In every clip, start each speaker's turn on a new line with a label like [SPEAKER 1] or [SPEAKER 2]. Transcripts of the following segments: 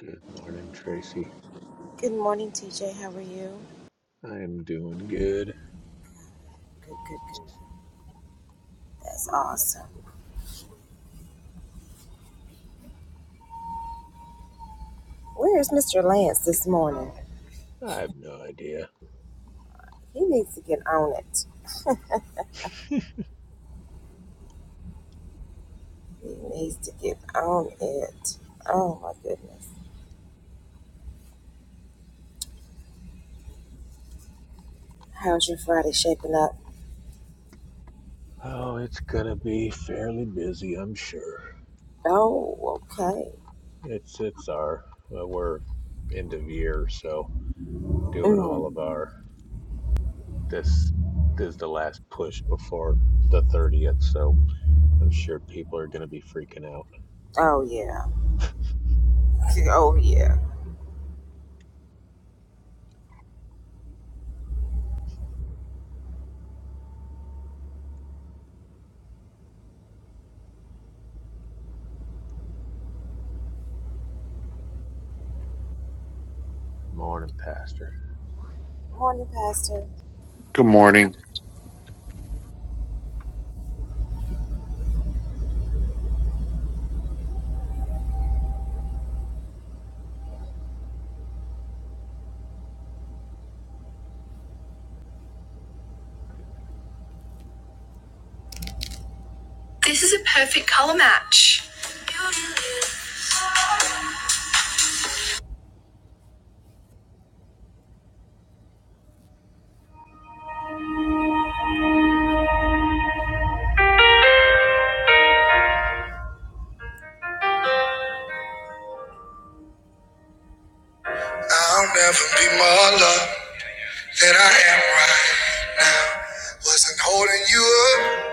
[SPEAKER 1] Good morning, Tracy. I am doing good. I have no idea. Oh, it's gonna be fairly busy, I'm sure. It's it's our well, we're end of year, so doing all of our this this is the last push before the thirtieth, so I'm sure people are gonna be freaking out. Morning, Pastor.
[SPEAKER 2] Good morning.
[SPEAKER 3] This is a perfect color match. I'll never be more loved than I am right. Wasn't holding you up,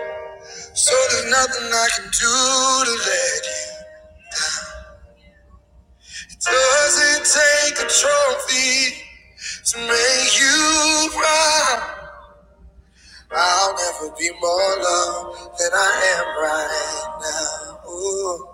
[SPEAKER 3] so there's nothing I can do to let you. It Doesn't take a trophy to make you proud. I'll never be more loved than I am right now. Ooh.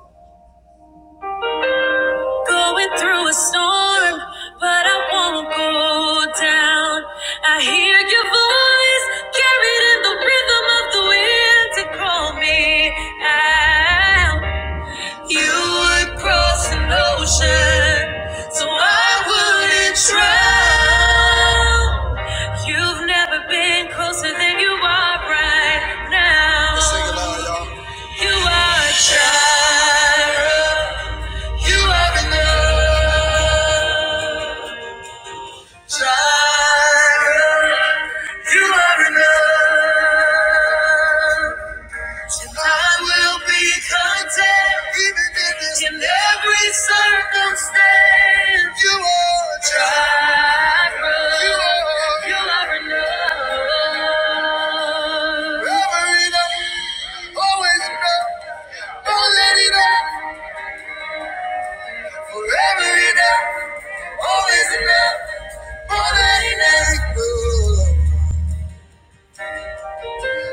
[SPEAKER 3] You would, I wouldn't try. You've never been closer than you are right now. Let's sing it loud, y'all. Lord Jireh, you are enough. Jireh, you are enough. And I will be content even in this- in every circumstance. You are Jireh, you are, you are enough. Forever enough, always enough. Don't let it up. Forever enough, always enough. More than enough. Ooh,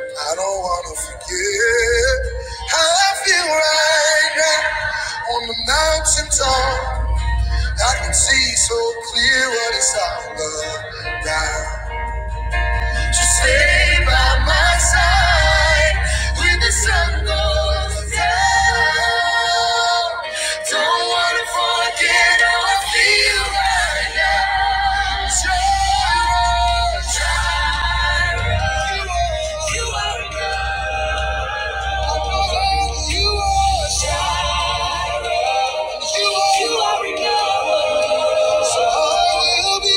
[SPEAKER 3] I don't wanna forget how I feel right now on the mountain top. I can see so clear what it's all about. To stay by my side when the sun goes down. Don't wanna forget how I feel right now. Jireh, Jireh, you are enough. You are enough. You are enough. So I will be, I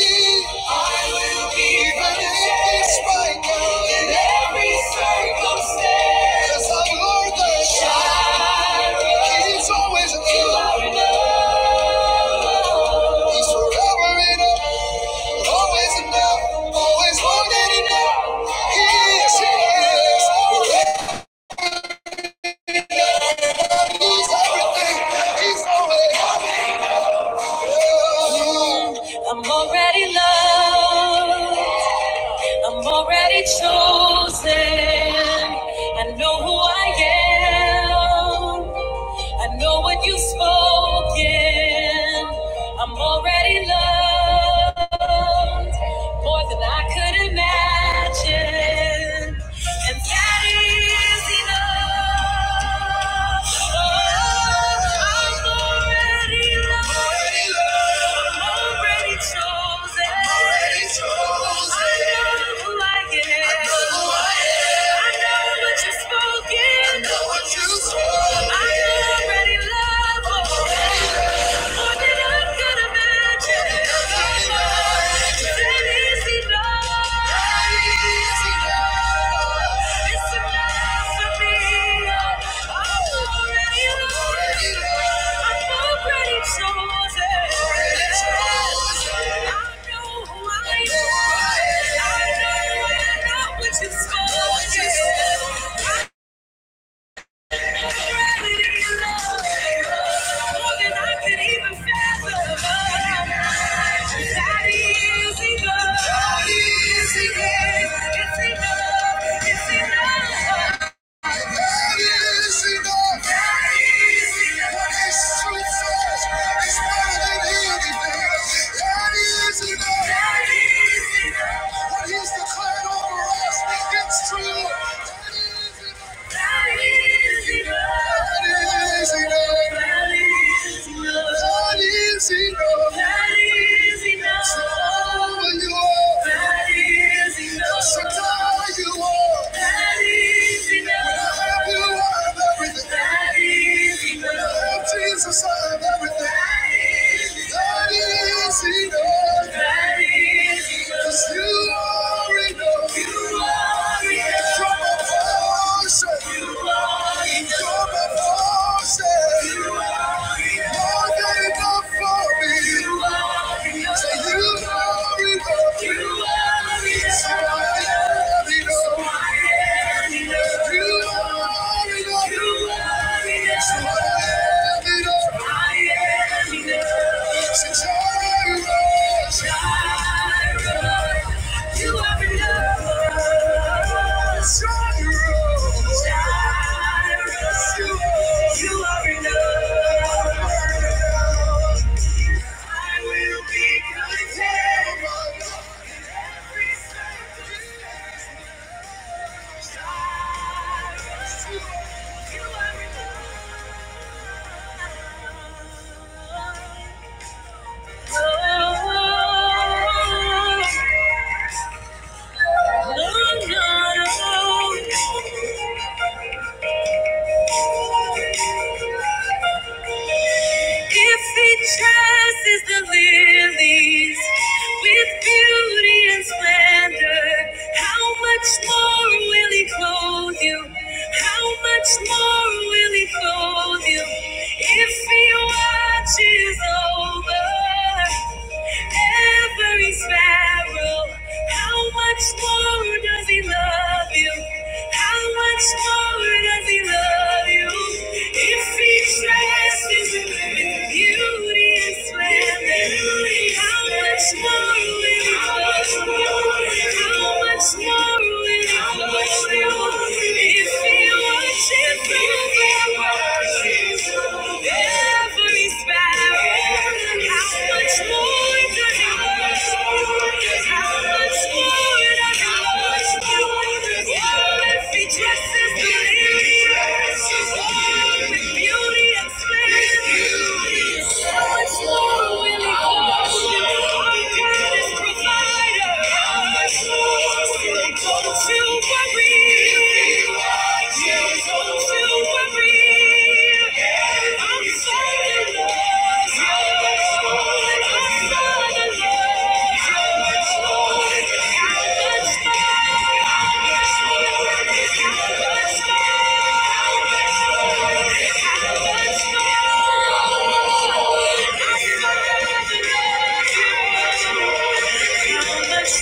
[SPEAKER 3] will be even if it's right now in every circumstance. Yes, I'm Lord the Child. He's always enough. He's forever enough. Always enough. Always more than enough. He is, he is. He's everything. He's always enough. more than I could imagine. And that is enough. I'm already loved. I'm already chosen. i know who I am. I know what you've spoken. I know what you've spoken. I'm already loved. Just go, just go. What he's declared over us, it's true. Jesus, I have everything. That is enough. That is enough. 'Cause you are enough. Yeah. You are enough. Stronger. Cyrus, You are enough. I will be content. Every circumstance. Cyrus, You are enough. Thank if he dresses the lilies with beauty and splendor, how much more will he clothe you? How much more will he clothe you? If he watches over every sparrow, how much more does he love you? you? How much more does he love you? If he dresses in beauty and splendor, how much more will he love you? How much more will he love you? If he worships you, every sparrow, how much more? Don't you worry. don't you worry.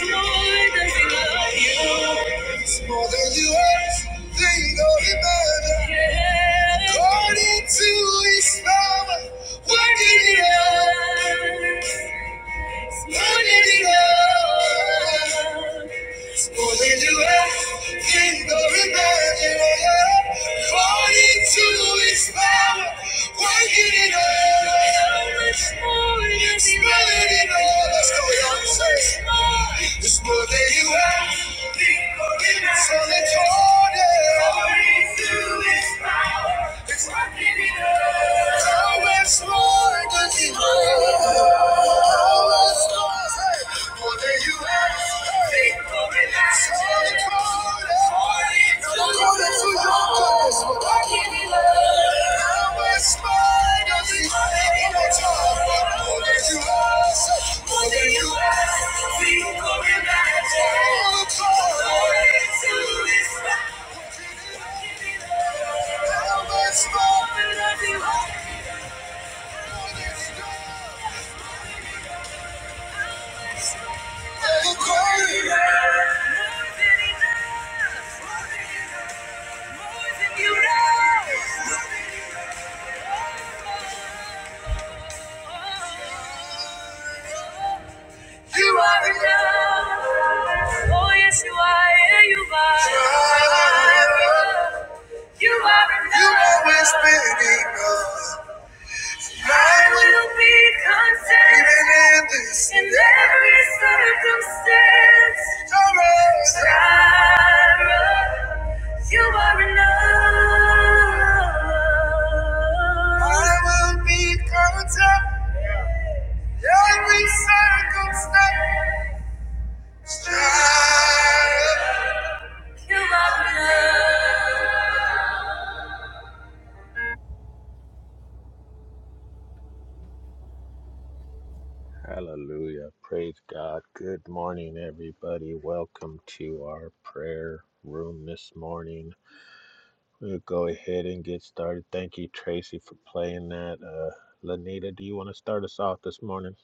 [SPEAKER 3] Lord, does he love you? It's more than you ask, think or imagine. According to his power, working in us, working in us. Going to everything going back According to his power Working in us How much more is It's more than it all Let's go, y'all It's more than you have Think of emerging. So let's hold it According to his power It's working in us How much more Thank you. You are enough. Oh, yes, you are. Yeah, you are. You are enough. You always been enough. I will be content. Even in this. In every circumstance. Always. Jireh, You are enough. I will be content. Every circumstance, strive.
[SPEAKER 1] Hallelujah. Praise God. Good morning, everybody. Welcome to our prayer room this morning. We'll go ahead and get started. Thank you, Tracy, for playing that. Uh, Lanita, do you want to start us off this morning?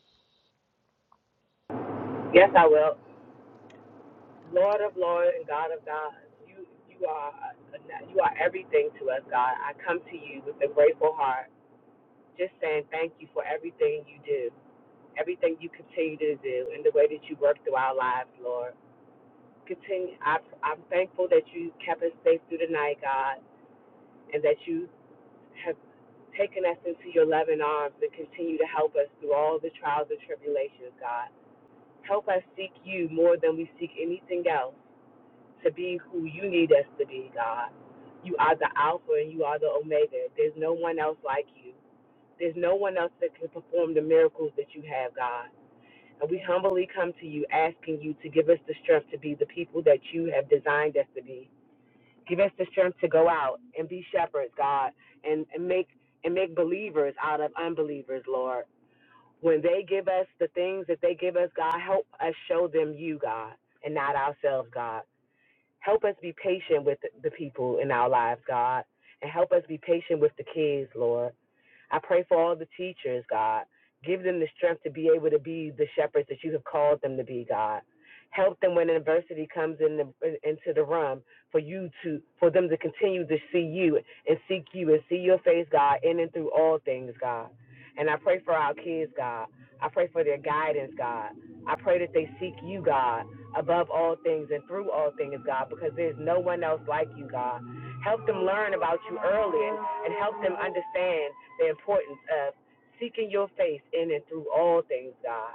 [SPEAKER 4] Yes, I will. Lord of Lord and God of God, you you are you are everything to us, God. I come to you with a grateful heart, just saying thank you for everything you do, everything you continue to do, and the way that you work through our lives, Lord. Continue. I, I'm thankful that you kept us safe through the night, God, and that you have taken us into your loving arms and continue to help us through all the trials and tribulations, God. Help us seek you more than we seek anything else to be who you need us to be, God. You are the Alpha and you are the Omega. There's no one else like you. There's no one else that can perform the miracles that you have, God. And we humbly come to you asking you to give us the strength to be the people that you have designed us to be. Give us the strength to go out and be shepherds, God, and, and make and make believers out of unbelievers, Lord when they give us the things that they give us, God, help us show them you, God, and not ourselves, God. Help us be patient with the people in our lives, God, and help us be patient with the kids, Lord. I pray for all the teachers, God. Give them the strength to be able to be the shepherds that you have called them to be, God. Help them when adversity comes in the, into the room for you to for them to continue to see you and seek you and see your face, God, in and through all things, God. And I pray for our kids, God. I pray for their guidance, God. I pray that they seek you, God, above all things and through all things, God, because there's no one else like you, God. Help them learn about you early and and help them understand the importance of seeking your face in and through all things, God.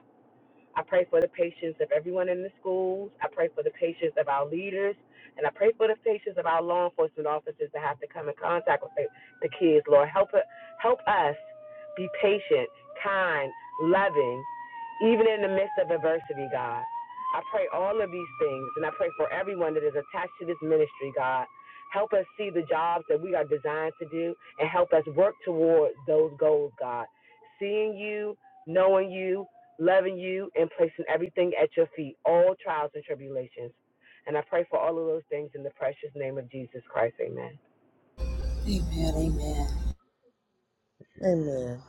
[SPEAKER 4] I pray for the patience of everyone in the schools. I pray for the patience of our leaders. And I pray for the patience of our law enforcement officers that have to come in contact with the the kids. Lord, help, help us be patient, kind, loving, even in the midst of adversity, God. I pray all of these things, and I pray for everyone that is attached to this ministry, God. Help us see the jobs that we are designed to do and help us work toward those goals, God. Seeing you, knowing you, loving you and placing everything at your feet, all trials and tribulations. And I pray for all of those things in the precious name of Jesus Christ. Amen.
[SPEAKER 1] Amen.
[SPEAKER 5] Amen.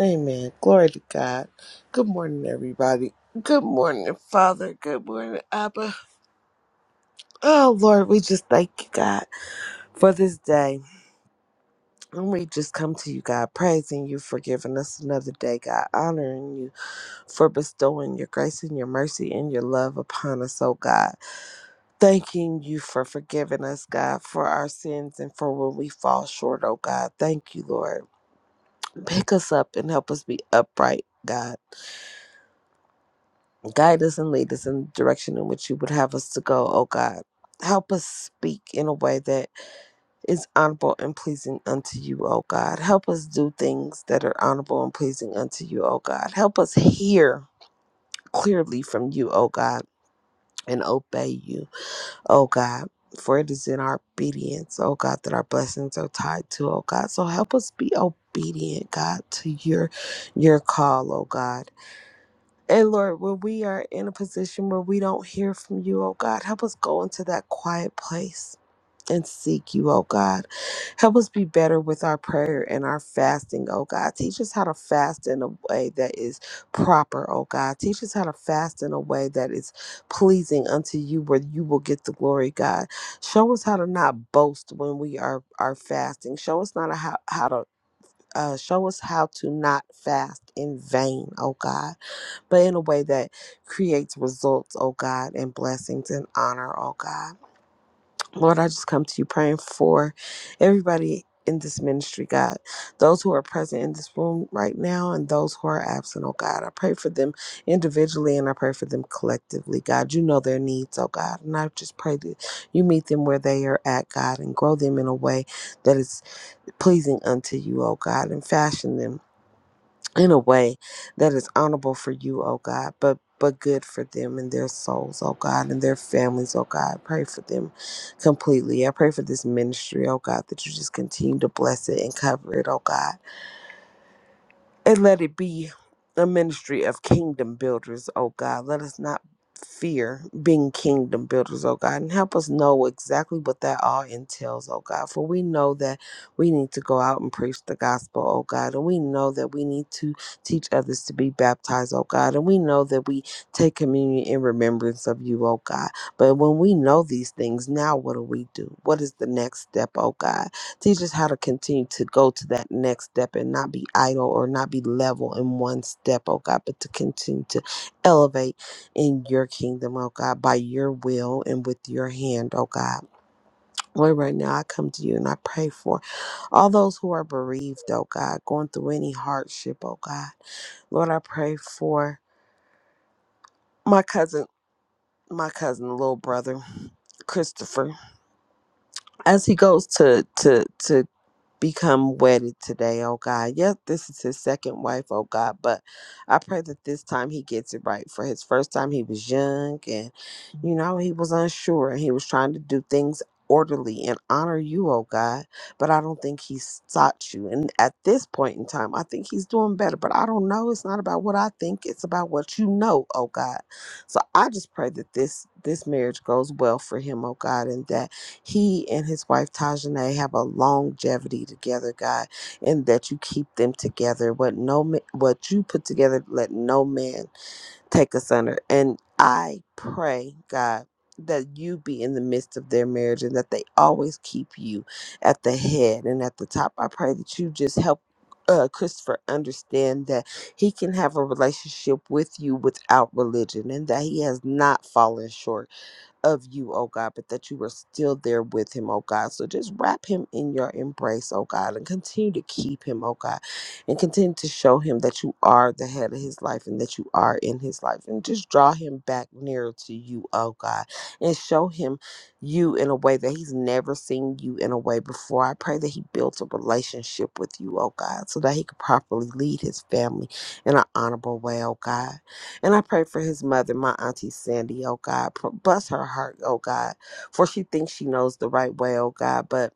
[SPEAKER 5] Amen. Glory to God. Good morning, everybody. Good morning, Father. Good morning, Abba. Oh, Lord, we just thank you, God, for this day. And we just come to you, God, praising you for giving us another day, God, honoring you for bestowing your grace and your mercy and your love upon us, oh God. Thanking you for forgiving us, God, for our sins and for when we fall short, oh God. Thank you, Lord. Pick us up and help us be upright, God. Guide us and lead us in the direction in which you would have us to go, O God. Help us speak in a way that is honorable and pleasing unto you, O God. Help us do things that are honorable and pleasing unto you, O God. Help us hear clearly from you, O God, and obey you, O God. For it is in our obedience, O God, that our blessings are tied to, O God. So help us be obedient, God, to your your call, O God and Lord, when we are in a position where we don't hear from you, oh God, help us go into that quiet place and seek you, oh God. Help us be better with our prayer and our fasting, oh God. Teach us how to fast in a way that is proper, oh God. Teach us how to fast in a way that is pleasing unto you, where you will get the glory, God. Show us how to not boast when we are, are fasting. Show us not how, how to. Uh, show us how to not fast in vain, oh God but in a way that creates results, oh God, and blessings and honor, oh God. Lord, I just come to you praying for everybody in this ministry, God. Those who are present in this room right now and those who are absent, oh God. I pray for them individually and I pray for them collectively, God. You know their needs, oh God. And I just pray that you meet them where they are at, God, and grow them in a way that is pleasing unto you, oh God, and fashion them in a way that is honorable for you, oh God, but but good for them and their souls, oh God, and their families, oh God. Pray for them completely. I pray for this ministry, oh God, that you just continue to bless it and cover it, oh God. And let it be a ministry of kingdom builders, oh God. Let us not fear being kingdom builders, oh God, and help us know exactly what that all entails, oh God. For we know that we need to go out and preach the gospel, oh God, and we know that we need to teach others to be baptized, oh God, and we know that we take communion in remembrance of you, oh God. But when we know these things, now what do we do? What is the next step, oh God? Teach us how to continue to go to that next step and not be idle or not be level in one step, oh God, but to continue to elevate in your kingdom, oh God, by your will and with your hand, oh God. Lord, right now I come to you and I pray for all those who are bereaved, oh God, going through any hardship, oh God. Lord, I pray for my cousin, my cousin, little brother, Christopher, as he goes to to to become wedded today, oh God. Yep, this is his second wife, oh God, but I pray that this time he gets it right. For his first time, he was young and, you know, he was unsure and he was trying to do things orderly and honor you, oh God. But I don't think he sought you. And at this point in time, I think he's doing better, but I don't know. It's not about what I think, it's about what you know, oh God. So I just pray that this this marriage goes well for him, oh God, and that he and his wife Tajane have a longevity together, God, and that you keep them together. What no ma- what you put together, let no man take us under. And I pray, God, that you be in the midst of their marriage and that they always keep you at the head and at the top. I pray that you just help uh, Christopher understand that he can have a relationship with you without religion and that he has not fallen short of you, oh God, but that you were still there with him, oh God. So just wrap him in your embrace, oh God, and continue to keep him, oh God, and continue to show him that you are the head of his life and that you are in his life. And just draw him back nearer to you, oh God, and show him you in a way that he's never seen you in a way before. I pray that he builds a relationship with you, oh God, so that he could properly lead his family in an honorable way, oh God. And I pray for his mother, my auntie Sandy, oh God. Pr- Bless her heart, oh God, for she thinks she knows the right way, oh God. But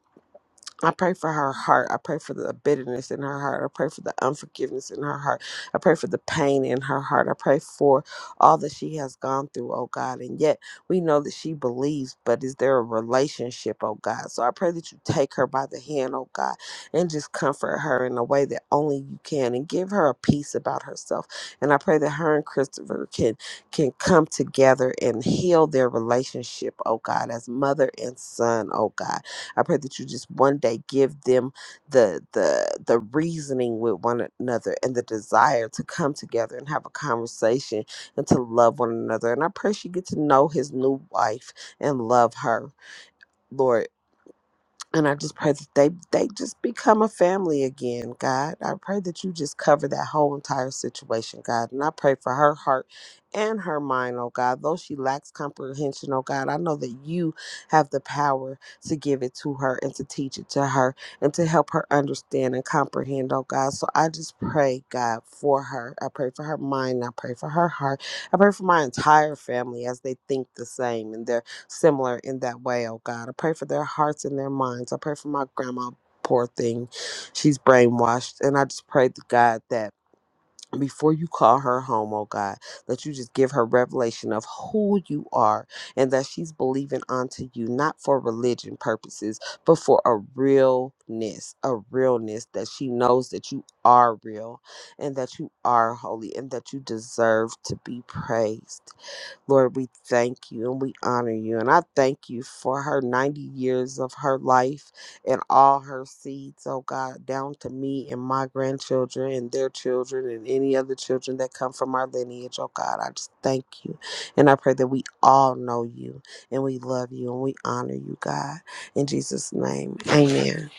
[SPEAKER 5] I pray for her heart. I pray for the bitterness in her heart. I pray for the unforgiveness in her heart. I pray for the pain in her heart. I pray for all that she has gone through, oh God. And yet we know that she believes, but is there a relationship, oh God? So I pray that you take her by the hand, oh God, and just comfort her in a way that only you can and give her a peace about herself. And I pray that her and Christopher can can come together and heal their relationship, oh God, as mother and son, oh God I pray that you just one day give them the the the reasoning with one another and the desire to come together and have a conversation and to love one another. And I pray she get to know his new wife and love her. Lord, and I just pray that they they just become a family again, God. I pray that you just cover that whole entire situation, God. And I pray for her heart and her mind, oh God. Though she lacks comprehension, oh God, I know that you have the power to give it to her and to teach it to her and to help her understand and comprehend, oh God. So I just pray, God, for her. I pray for her mind. I pray for her heart. I pray for my entire family as they think the same and they're similar in that way, oh God. I pray for their hearts and their minds. I pray for my grandma, poor thing. She's brainwashed. And I just pray to God that before you call her home, oh God, that you just give her revelation of who you are and that she's believing onto you, not for religion purposes, but for a realness, a realness that she knows that you are real and that you are holy and that you deserve to be praised. Lord, we thank you and we honor you. And I thank you for her 90 years of her life and all her seeds, oh God, down to me and my grandchildren and their children and any other children that come from our lineage, oh God. I just thank you. And I pray that we all know you and we love you and we honor you, God. In Jesus' name, amen.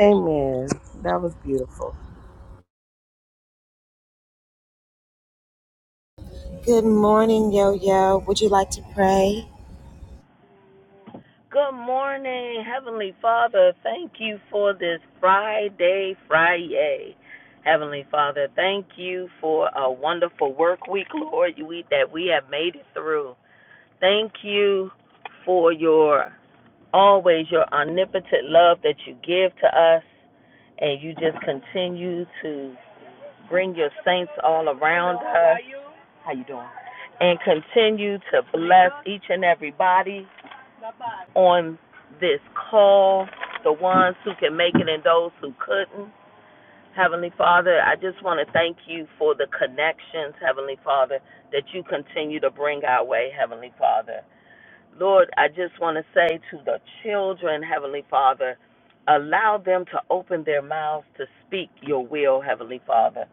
[SPEAKER 5] Amen. That was beautiful.
[SPEAKER 6] Good morning, Heavenly Father. Thank you for this Friday, Friday. Heavenly Father, thank you for a wonderful work week, Lord, that we have made it through. Thank you for your always your omnipotent love that you give to us, and you just continue to bring your saints all around us. How you doing? And continue to bless each and every body on this call, the ones who can make it and those who couldn't. Heavenly Father, I just want to thank you for the connections, Heavenly Father, that you continue to bring our way, Heavenly Father. Lord, I just want to say to the children, Heavenly Father, allow them to open their mouths to speak your will, Heavenly Father,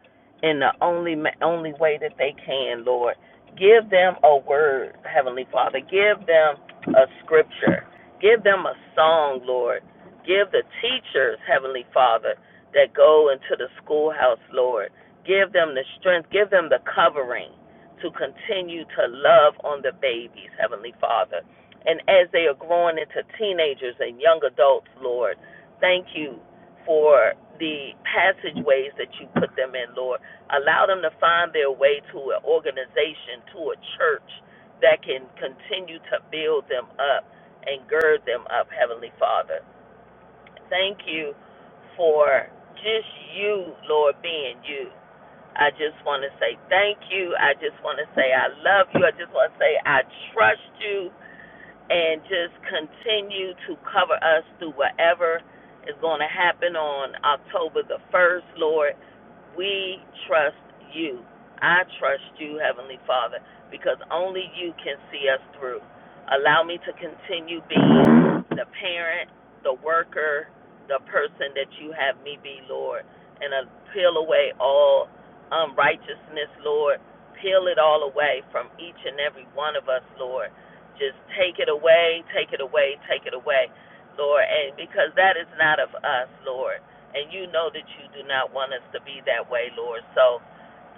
[SPEAKER 6] in the only ma- only way that they can, Lord. Give them a word, Heavenly Father. Give them a scripture. Give them a song, Lord. Give the teachers, Heavenly Father, that go into the schoolhouse, Lord. Give them the strength. Give them the covering to continue to love on the babies, Heavenly Father and as they are growing into teenagers and young adults, Lord, thank you for the passageways that you put them in, Lord. Allow them to find their way to an organization, to a church that can continue to build them up and gird them up, Heavenly Father. Thank you for just you, Lord, being you. I just want to say thank you. I just want to say I love you. I just want to say I trust you and just continue to cover us through whatever is going to happen on October the 1st, Lord. We trust you. I trust you, Heavenly Father, because only you can see us through. Allow me to continue being the parent, the worker, the person that you have me be, Lord, and uh, peel away all unrighteousness, Lord. Peel it all away from each and every one of us, Lord. Just take it away, take it away, take it away, Lord, and because that is not of us, Lord and you know that you do not want us to be that way, Lord. So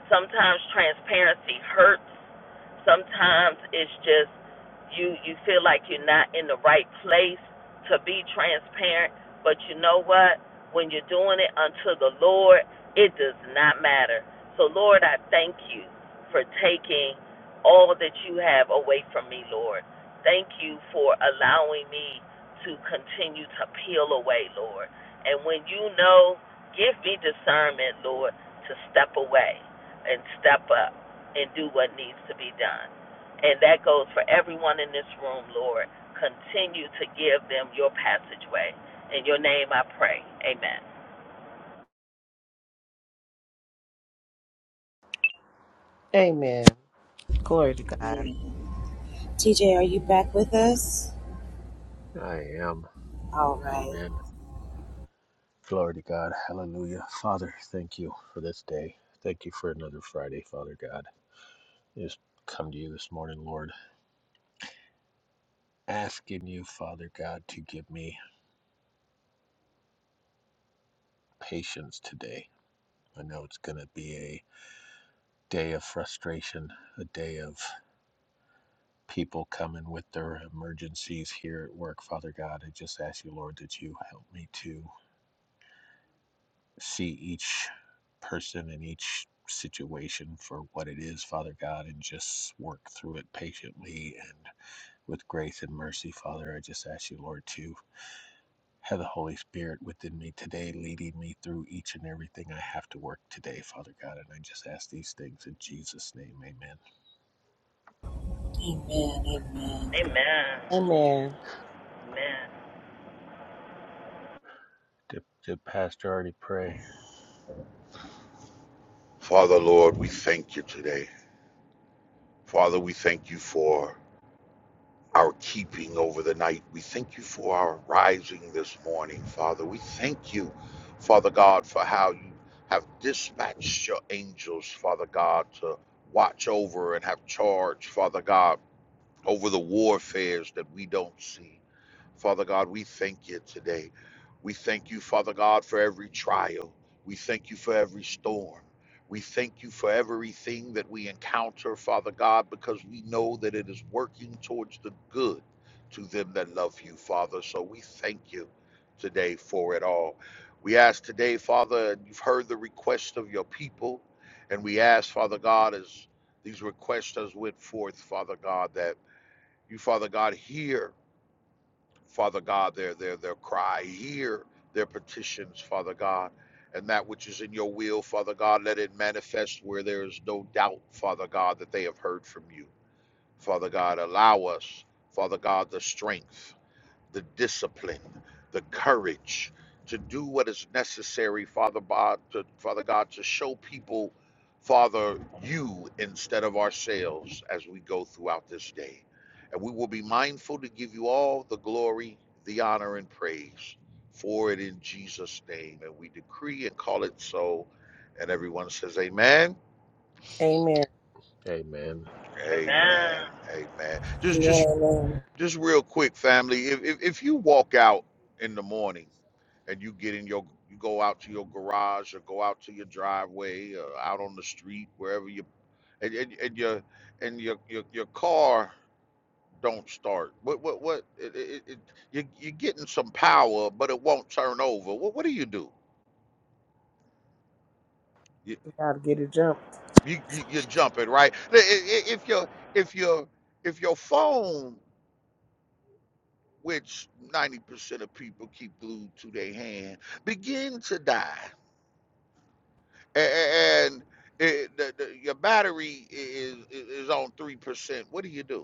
[SPEAKER 6] sometimes transparency hurts. Sometimes it's just you you feel like you're not in the right place to be transparent, but you know what? When you're doing it unto the Lord, it does not matter. So Lord, I thank you for taking all that you have away from me, Lord. Thank you for allowing me to continue to peel away, Lord. And when you know, give me discernment, Lord, to step away and step up and do what needs to be done. And that goes for everyone in this room, Lord. Continue to give them your passageway. In your name I pray. Amen.
[SPEAKER 5] Amen. Glory to God.
[SPEAKER 1] I am. Amen. Glory to God. Hallelujah. Father, thank you for this day. Thank you for another Friday, Father God. Just come to you this morning, Lord, asking you, Father God, to give me patience today. I know it's going to be a day of frustration, a day of people coming with their emergencies here at work, Father God. I just ask you, Lord, that you help me to see each person in each situation for what it is, Father God, and just work through it patiently and with grace and mercy, Father. I just ask you, Lord, to have the Holy Spirit within me today, leading me through each and everything I have to work today, Father God. And I just ask these things in Jesus' name, amen.
[SPEAKER 6] Amen.
[SPEAKER 5] Amen.
[SPEAKER 6] Amen.
[SPEAKER 1] Did, did Pastor already pray?
[SPEAKER 2] Father, Lord, we thank you today. Father, we thank you for our keeping over the night. We thank you for our rising this morning, Father. We thank you, Father God, for how you have dispatched your angels, Father God, to watch over and have charge, Father God, over the warfares that we don't see. Father God, we thank you today. We thank you, Father God, for every trial. We thank you for every storm. We thank you for everything that we encounter, Father God, because we know that it is working towards the good to them that love you, Father. So we thank you today for it all. We ask today, Father, and you've heard the request of your people, and we ask, Father God, as these requests as went forth, Father God, that you, Father God, hear Father God, their their their cry. Hear their petitions, Father God. And that which is in your will, Father God, let it manifest where there is no doubt, Father God, that they have heard from you. Father God, allow us, Father God, the strength the discipline, the courage to do what is necessary, Father God, to, Father God, to show people, Father, you instead of ourselves as we go throughout this day. And we will be mindful to give you all the glory, the honor, and praise for it in Jesus' name. And we decree and call it so. And everyone says, Amen.
[SPEAKER 5] Amen.
[SPEAKER 1] Amen.
[SPEAKER 6] Amen.
[SPEAKER 2] Amen. Amen. Just, just. Just real quick, family. If, if if you walk out in the morning and you get in your you go out to your garage or go out to your driveway or out on the street wherever you and, and, and your and your, your your car don't start what what what it, it, it, you, you're getting some power but it won't turn over what, what do you do you,
[SPEAKER 5] We gotta get a jump.
[SPEAKER 2] you, you you jump it right I- i- i- if your if your if your phone which 90% of people keep glued to their hand, begin to die. And it, the, the, your battery is, is on 3%. What do you do?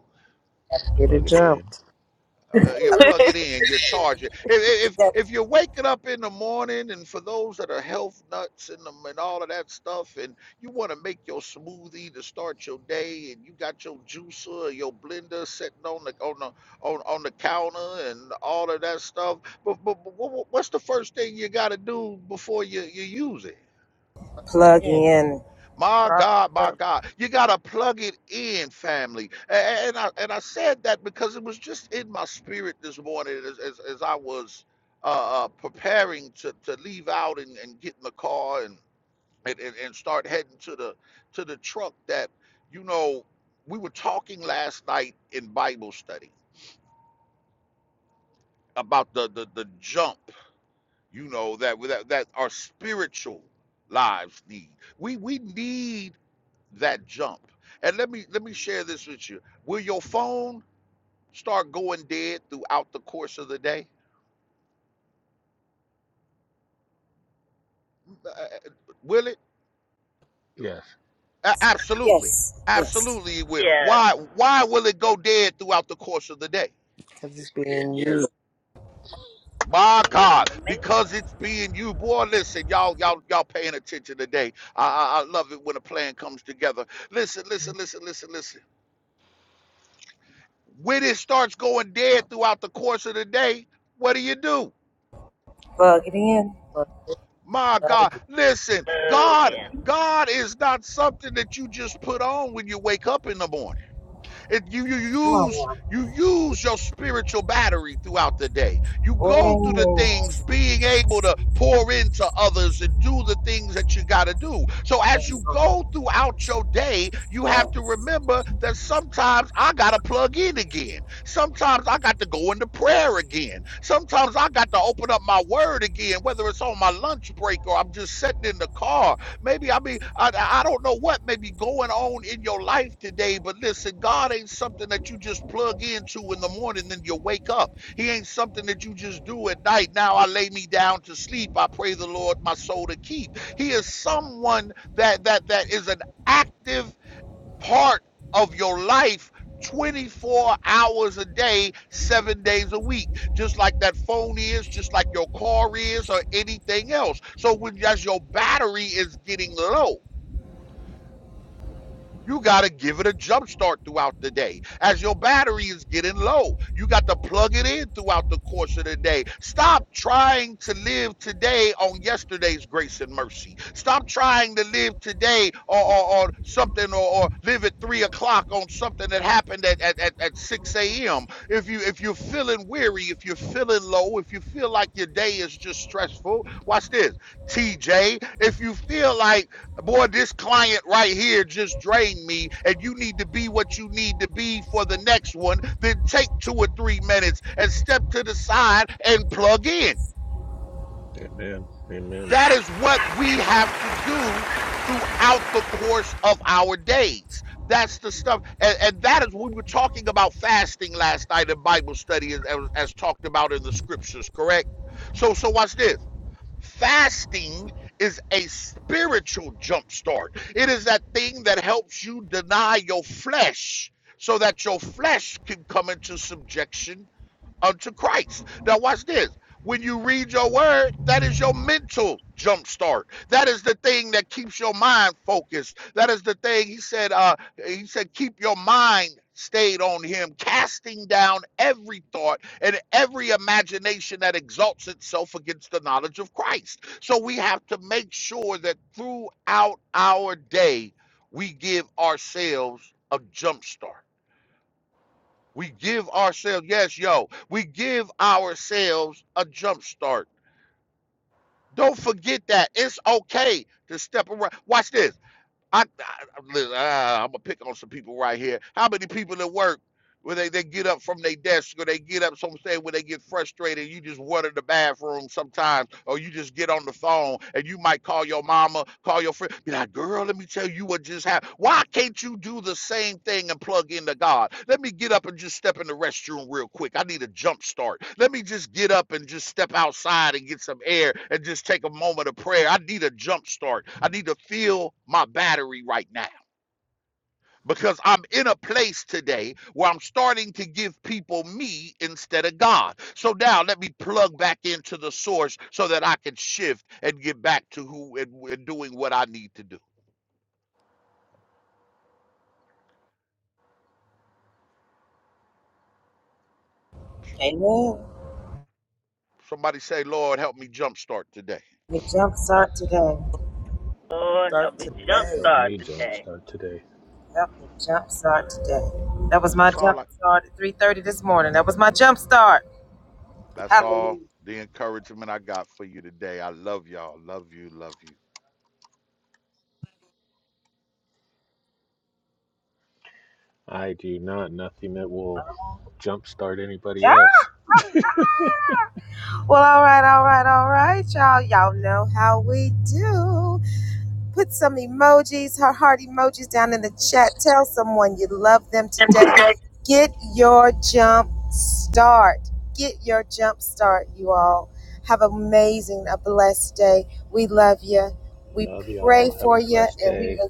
[SPEAKER 5] Get it
[SPEAKER 1] Plug it in.
[SPEAKER 5] jumped.
[SPEAKER 2] uh, you plug it in, you charge it. If, if if you're waking up in the morning, and for those that are health nuts and them and all of that stuff, and you want to make your smoothie to start your day, and you got your juicer, or your blender sitting on the on the on, on the counter and all of that stuff. But, but, but what's the first thing you got to do before you, you use it?
[SPEAKER 5] Yeah,
[SPEAKER 2] My God, my God, you gotta plug it in, family. A- a- And I and I said that because it was just in my spirit this morning as as, as I was uh, uh, preparing to, to leave out and, and get in the car and, and and and start heading to the to the truck. That you know, we were talking last night in Bible study about the the, the jump. You know that that that our spiritual lives need. We we need that jump. And let me let me share this with you. Will your phone start going dead throughout the course of the day? Uh, uh, Will it?
[SPEAKER 1] Yeah,
[SPEAKER 2] A- Absolutely. Absolutely it will.
[SPEAKER 6] Yes.
[SPEAKER 2] Why why will it go dead throughout the course of the day?
[SPEAKER 5] because it's being used.
[SPEAKER 2] My
[SPEAKER 6] Give them
[SPEAKER 2] God,
[SPEAKER 6] the maintenance.
[SPEAKER 2] because it's being you, boy. Listen, y'all, y'all, y'all paying attention today. I, I, I love it when a plan comes together. Listen, listen, listen, listen, listen. When it starts going dead throughout the course of the day, what do you do?
[SPEAKER 5] Start
[SPEAKER 2] My God,
[SPEAKER 5] today.
[SPEAKER 2] listen, God,
[SPEAKER 6] Amen.
[SPEAKER 2] God is not something that you just put on when you wake up in the morning. It, you, you use you use your spiritual battery throughout the day. You go through the things, being able to pour into others and do the things that you got to do. So as you go throughout your day, you have to remember that sometimes I got to plug in again. Sometimes I got to go into prayer again. Sometimes I got to open up my word again, whether it's on my lunch break or I'm just sitting in the car Maybe I mean I, I don't know what may be going on in your life today, but listen, God ain't something that you just plug into in the morning and you wake up. He ain't something that you just do at night. Now I lay me down to sleep. I pray the Lord my soul to keep. He is someone that that that is an active part of your life 24 hours a day, seven days a week, just like that phone is, just like your car is, or anything else. So when as your battery is getting low, you got to give it a jump start throughout the day. As your battery is getting low, you got to plug it in throughout the course of the day. Stop trying to live today on yesterday's grace and mercy. Stop trying to live today or, or, or something or, or live at three o'clock on something that happened at, at, at, at 6 a.m. If you if you're feeling weary, if you're feeling low, if you feel like your day is just stressful, watch this. TJ, if you feel like Boy, this client right here just drained me, and you need to be what you need to be for the next one. Then take two or three minutes and step to the side and plug in.
[SPEAKER 1] Amen. Amen.
[SPEAKER 2] That is what we have to do throughout the course of our days. That's the stuff. And, and that is when we were talking about fasting last night in Bible study, as, as as talked about in the scriptures, correct? So, so watch this. Fasting is a spiritual jumpstart. It is that thing that helps you deny your flesh so that your flesh can come into subjection unto Christ. Now, watch this. When you read your word, that is your mental jumpstart. That is the thing that keeps your mind focused. That is the thing he said. Uh, he said, keep your mind stayed on him, casting down every thought and every imagination that exalts itself against the knowledge of Christ. So we have to make sure that throughout our day, we give ourselves a jumpstart. We give ourselves, yes, yo, we give ourselves a jump start. Don't forget that. It's okay to step around. Watch this. I, I, am gonna pick on some people right here. How many people at work? where they, they get up from their desk or they get up, so I'm saying when they get frustrated, you just water the bathroom sometimes, or you just get on the phone and you might call your mama, call your friend, be like, girl, let me tell you what just happened. Why can't you do the same thing and plug into God? Let me get up and just step in the restroom real quick. I need a jump start. Let me just get up and just step outside and get some air and just take a moment of prayer. I need a jump start. I need to feel my battery right now because I'm in a place today where I'm starting to give people me instead of God. So now let me plug back into the source so that I can shift and get back to who and, and doing what I need to do. Somebody say, Lord, help me jumpstart today.
[SPEAKER 6] Lord, help
[SPEAKER 5] Start
[SPEAKER 6] me
[SPEAKER 1] Lord,
[SPEAKER 5] today.
[SPEAKER 1] help
[SPEAKER 6] jumpstart
[SPEAKER 1] me
[SPEAKER 6] today.
[SPEAKER 1] jumpstart today.
[SPEAKER 2] That's all I that's all the encouragement I got for you today. I love y'all. Love you. Love you.
[SPEAKER 1] I do not. Nothing that will jumpstart anybody else.
[SPEAKER 5] And today,
[SPEAKER 1] Love y'all. Have a blessed day.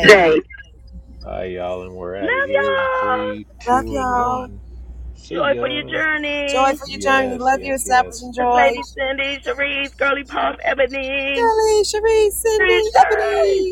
[SPEAKER 5] today.
[SPEAKER 1] Bye, y'all. And we're out of here in
[SPEAKER 6] Love y'all.
[SPEAKER 1] three, two, and one. See
[SPEAKER 6] Joy for your
[SPEAKER 1] ya.
[SPEAKER 6] journey.
[SPEAKER 1] Yes, yes, yes.
[SPEAKER 6] It's Lady Cindy, Sharice, Girly Pop, Ebony, TJ.